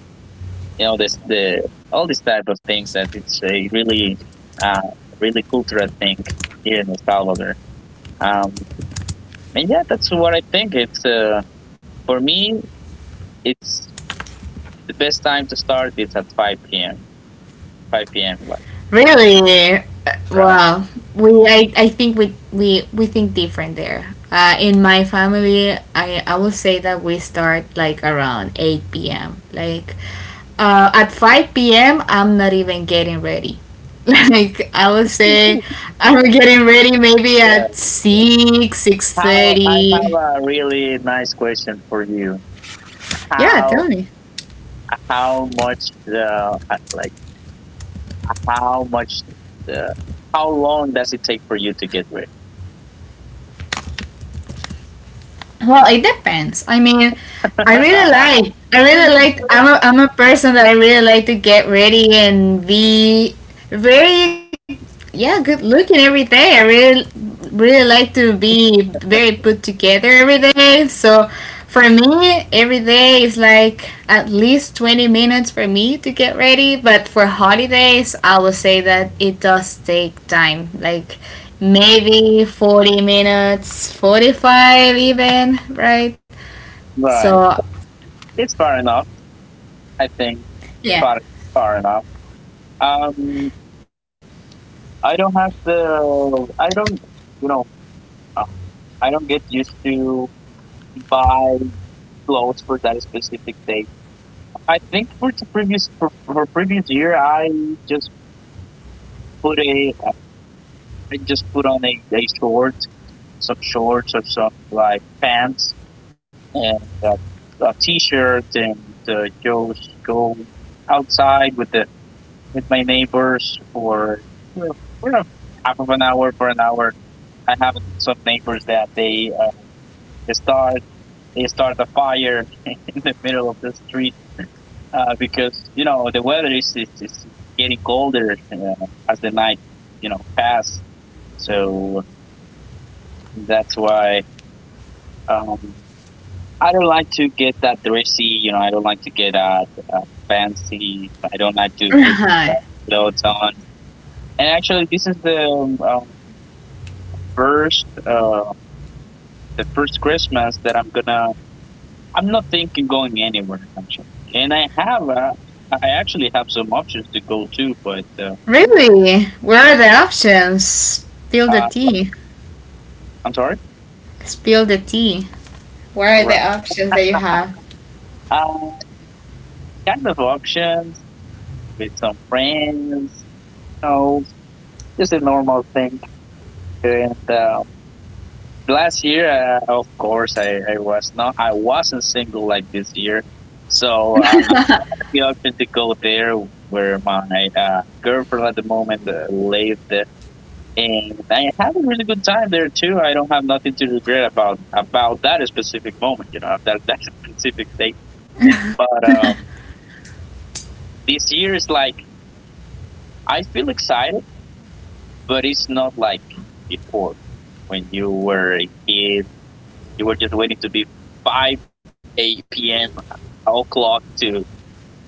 you know, this the all these type of things that it's a really uh really cultural thing here in El Salvador. um and yeah, that's what I think. It's for me, it's the best time to start is at 5 p.m. 5 p.m. Really? Right. Well, I think we think different there. In my family, I will say that we start like around eight p.m. Like at five p.m. I'm not even getting ready. [LAUGHS] Like I will Right. say, I'm getting ready maybe Right. at six six How I have thirty. a really nice question for you. Yeah, How tell me. how much the like how much the how long does it take for you to get ready? Well, it depends. I mean, I really like. I really like. [LAUGHS] I'm a person that I really like to get ready and be very, yeah, good looking every day. I really, really like to be very put together every day. So for me, every day is like at least 20 minutes for me to get ready, but for holidays, I would say that it does take time. Like maybe 40 minutes, 45 even, right? Right. So, It's far enough. I think yeah. far far enough. Um, I don't have the I don't, you know, uh, I don't get used to buy clothes for that specific day. I think for the previous for previous year, I just put a I just put on a short, some shorts or some like pants and a t-shirt and uh, go go outside with the with my neighbors for for a half of an hour, for an hour. I have some neighbors that they they start they start a fire [LAUGHS] in the middle of the street because you know the weather is getting colder as the night, you know, pass. So that's why, um, I don't like to get that dressy. You know, I don't like to get that uh, fancy. I don't like to [LAUGHS] put that Right. clothes on. And actually, this is the first the first Christmas that I'm gonna. I'm not thinking going anywhere actually, and I have I actually have some options to go to, but Really? What are the options? Spill the uh, tea. I'm sorry. Spill the tea. What are Right. the options that you have? Uh, Kind of options with some friends. You know, just a normal thing. And last year, of course, I was not. I wasn't single like this year, so I had the option to go there where my girlfriend at the moment lived. And I had a really good time there too. I don't have nothing to regret about that specific moment, you know, that that [LAUGHS] specific thing. But this year is like I feel excited, but it's not like before when you were a kid. You were just waiting to be 5 8 p.m. o'clock to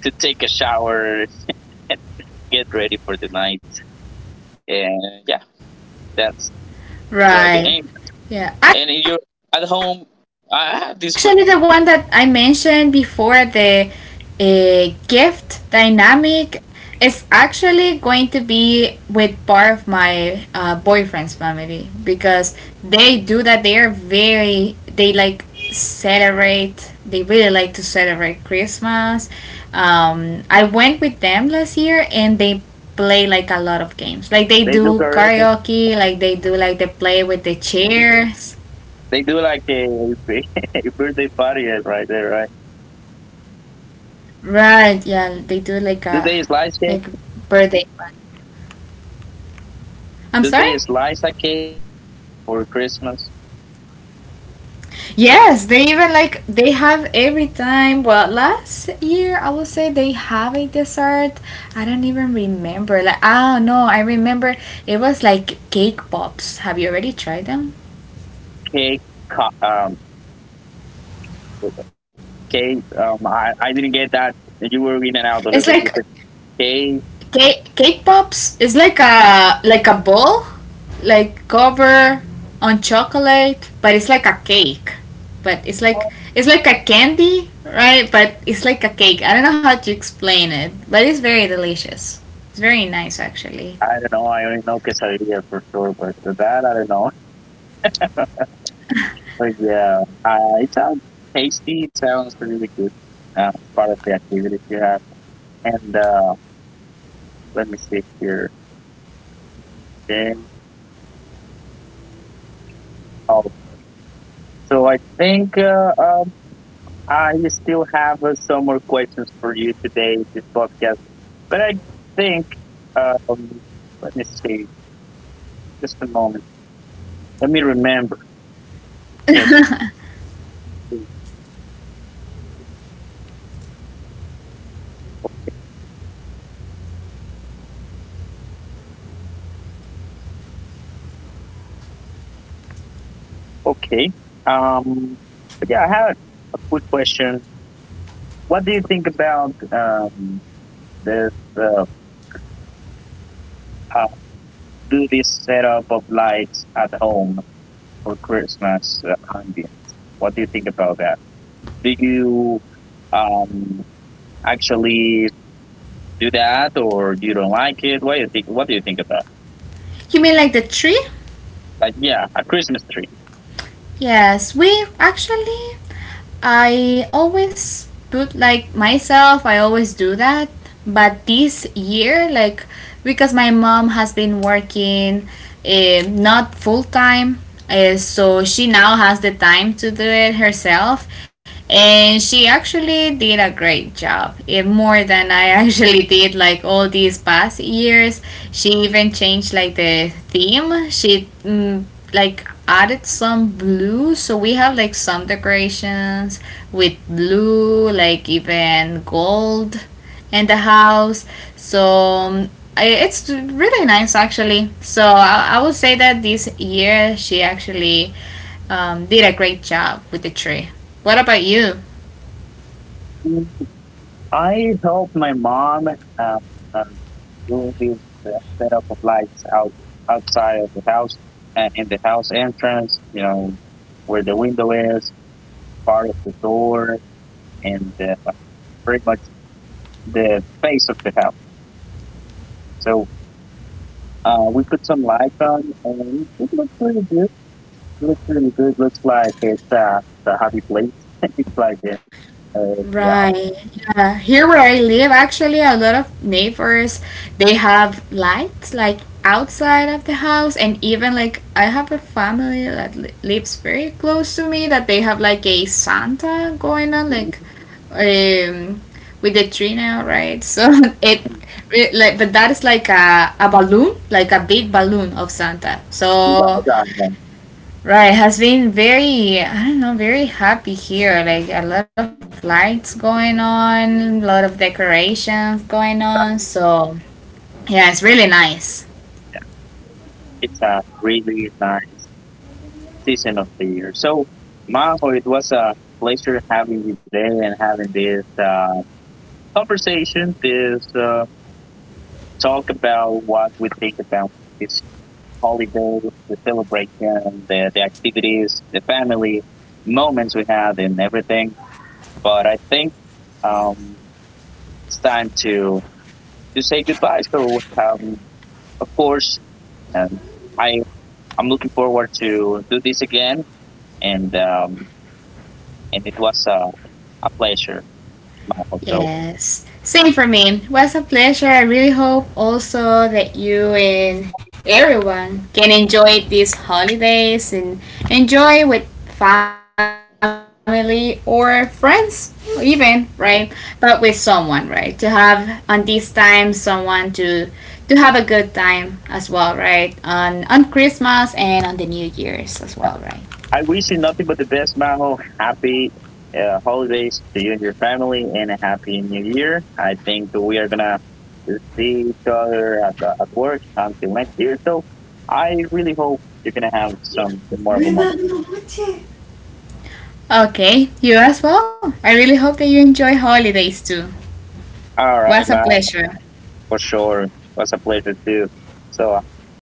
to take a shower [LAUGHS] and get ready for the night. And yeah, Right. that's that's Yeah, what I think. Actually, the one that I And if you're mentioned at before, home, the I have this question. Gift dynamic, is actually going to be with part of my boyfriend's family, because they do that. They are very, they like celebrate, they really like to celebrate Christmas. I went with them last year and they play like a lot of games. Like they do karaoke, like they do, They like do they play karaoke. with the chairs. They do like a, [LAUGHS] a birthday party right there, right? Right, yeah, they do like a like Do they slice cake? birthday party. I'm sorry? Do they slice a cake for Christmas? Yes, they even like they have every time. Well, last year I will say they have a dessert. I don't even remember. Like ah no, I remember it was like cake pops. Have you already tried them? Cake, co- K, I didn't get that. You were in and out a It's little bit. You like said K, cake, cake pops is like a ball, like cover on chocolate, but it's like a cake. But it's like a candy, right? But it's like a cake. I don't know how to explain it, but it's very delicious. It's very nice actually. I don't know. I only know quesadilla for sure, but for that I don't know. But yeah, I, it sounds tasty. It sounds really good. It's part of the activity you have. And let me see here. Then, oh, so I think I still have some more questions for you today in this podcast. But I think, um, let me see, just a moment. Let me remember. [LAUGHS] You Yes. Okay. Um, but yeah, I have a quick question. What do you think about this? Uh, how do this setup of lights at home for Christmas ambience? What do you think about that? Do you um, actually do that, or you don't like it? What do you think? What do you think about? mean like the tree? Like, yeah, a Christmas tree. Yes, we actually, I always put like myself, I always do that. But this year, like because my mom has been working not full time, so she now has the time to do it herself. And she actually did a great job, eh, more than I actually [LAUGHS] did like all these past years. She even changed like the theme. She like added some blue, so we have like some decorations with blue, like even gold in the house, so it's really nice actually, so I would say that this year she actually did a great job with the tree. What about you? I help my mom um, uh, do this uh, setup of lights outside of the house, in the house entrance. You know where the window is, part of the door, and pretty much the face of the house. So we put some lights on, and it looks pretty good. It looks really good. Looks like it's the happy place. [LAUGHS] It's like yeah, Right. Yeah. Here where I live, actually, a lot of neighbors they have lights like outside of the house, and even like I have a family that lives very close to me that they have like a Santa going on, yeah, like um with the tree now, right? So [LAUGHS] it, it like, but that is like a balloon, like a big balloon of Santa. yeah, So yeah. right, has been very, I don't know, very happy here. Like a lot of lights going on, a lot of decorations going on. So, yeah, it's really nice. It's really nice season of the year. So, Maho, it was a pleasure having you today and having this conversation, this talk about what we think about this holiday, the celebration, the activities, the family moments we had, and everything. But I think, um, it's time to say goodbye. So, of course, and I I'm looking forward to do this again, and um, and it was a pleasure, Maho. So Yes. Same for me. Was a pleasure. I really hope also that you and everyone can enjoy these holidays and enjoy with family or friends even, right? But with someone, right? To have on this time someone to have a good time as well, right? On Christmas and on the New Year's as well, right? I wish you nothing but the best, Maho. Happy holidays to you and your family, and a happy new year. I think we are gonna see each other at, the, at work until next year. So I really hope you're gonna have some memorable Buena moments. noche. Okay, you as well. I really hope that you enjoy holidays too. All Was right, a Maho, pleasure. for sure. It was a pleasure too. So it's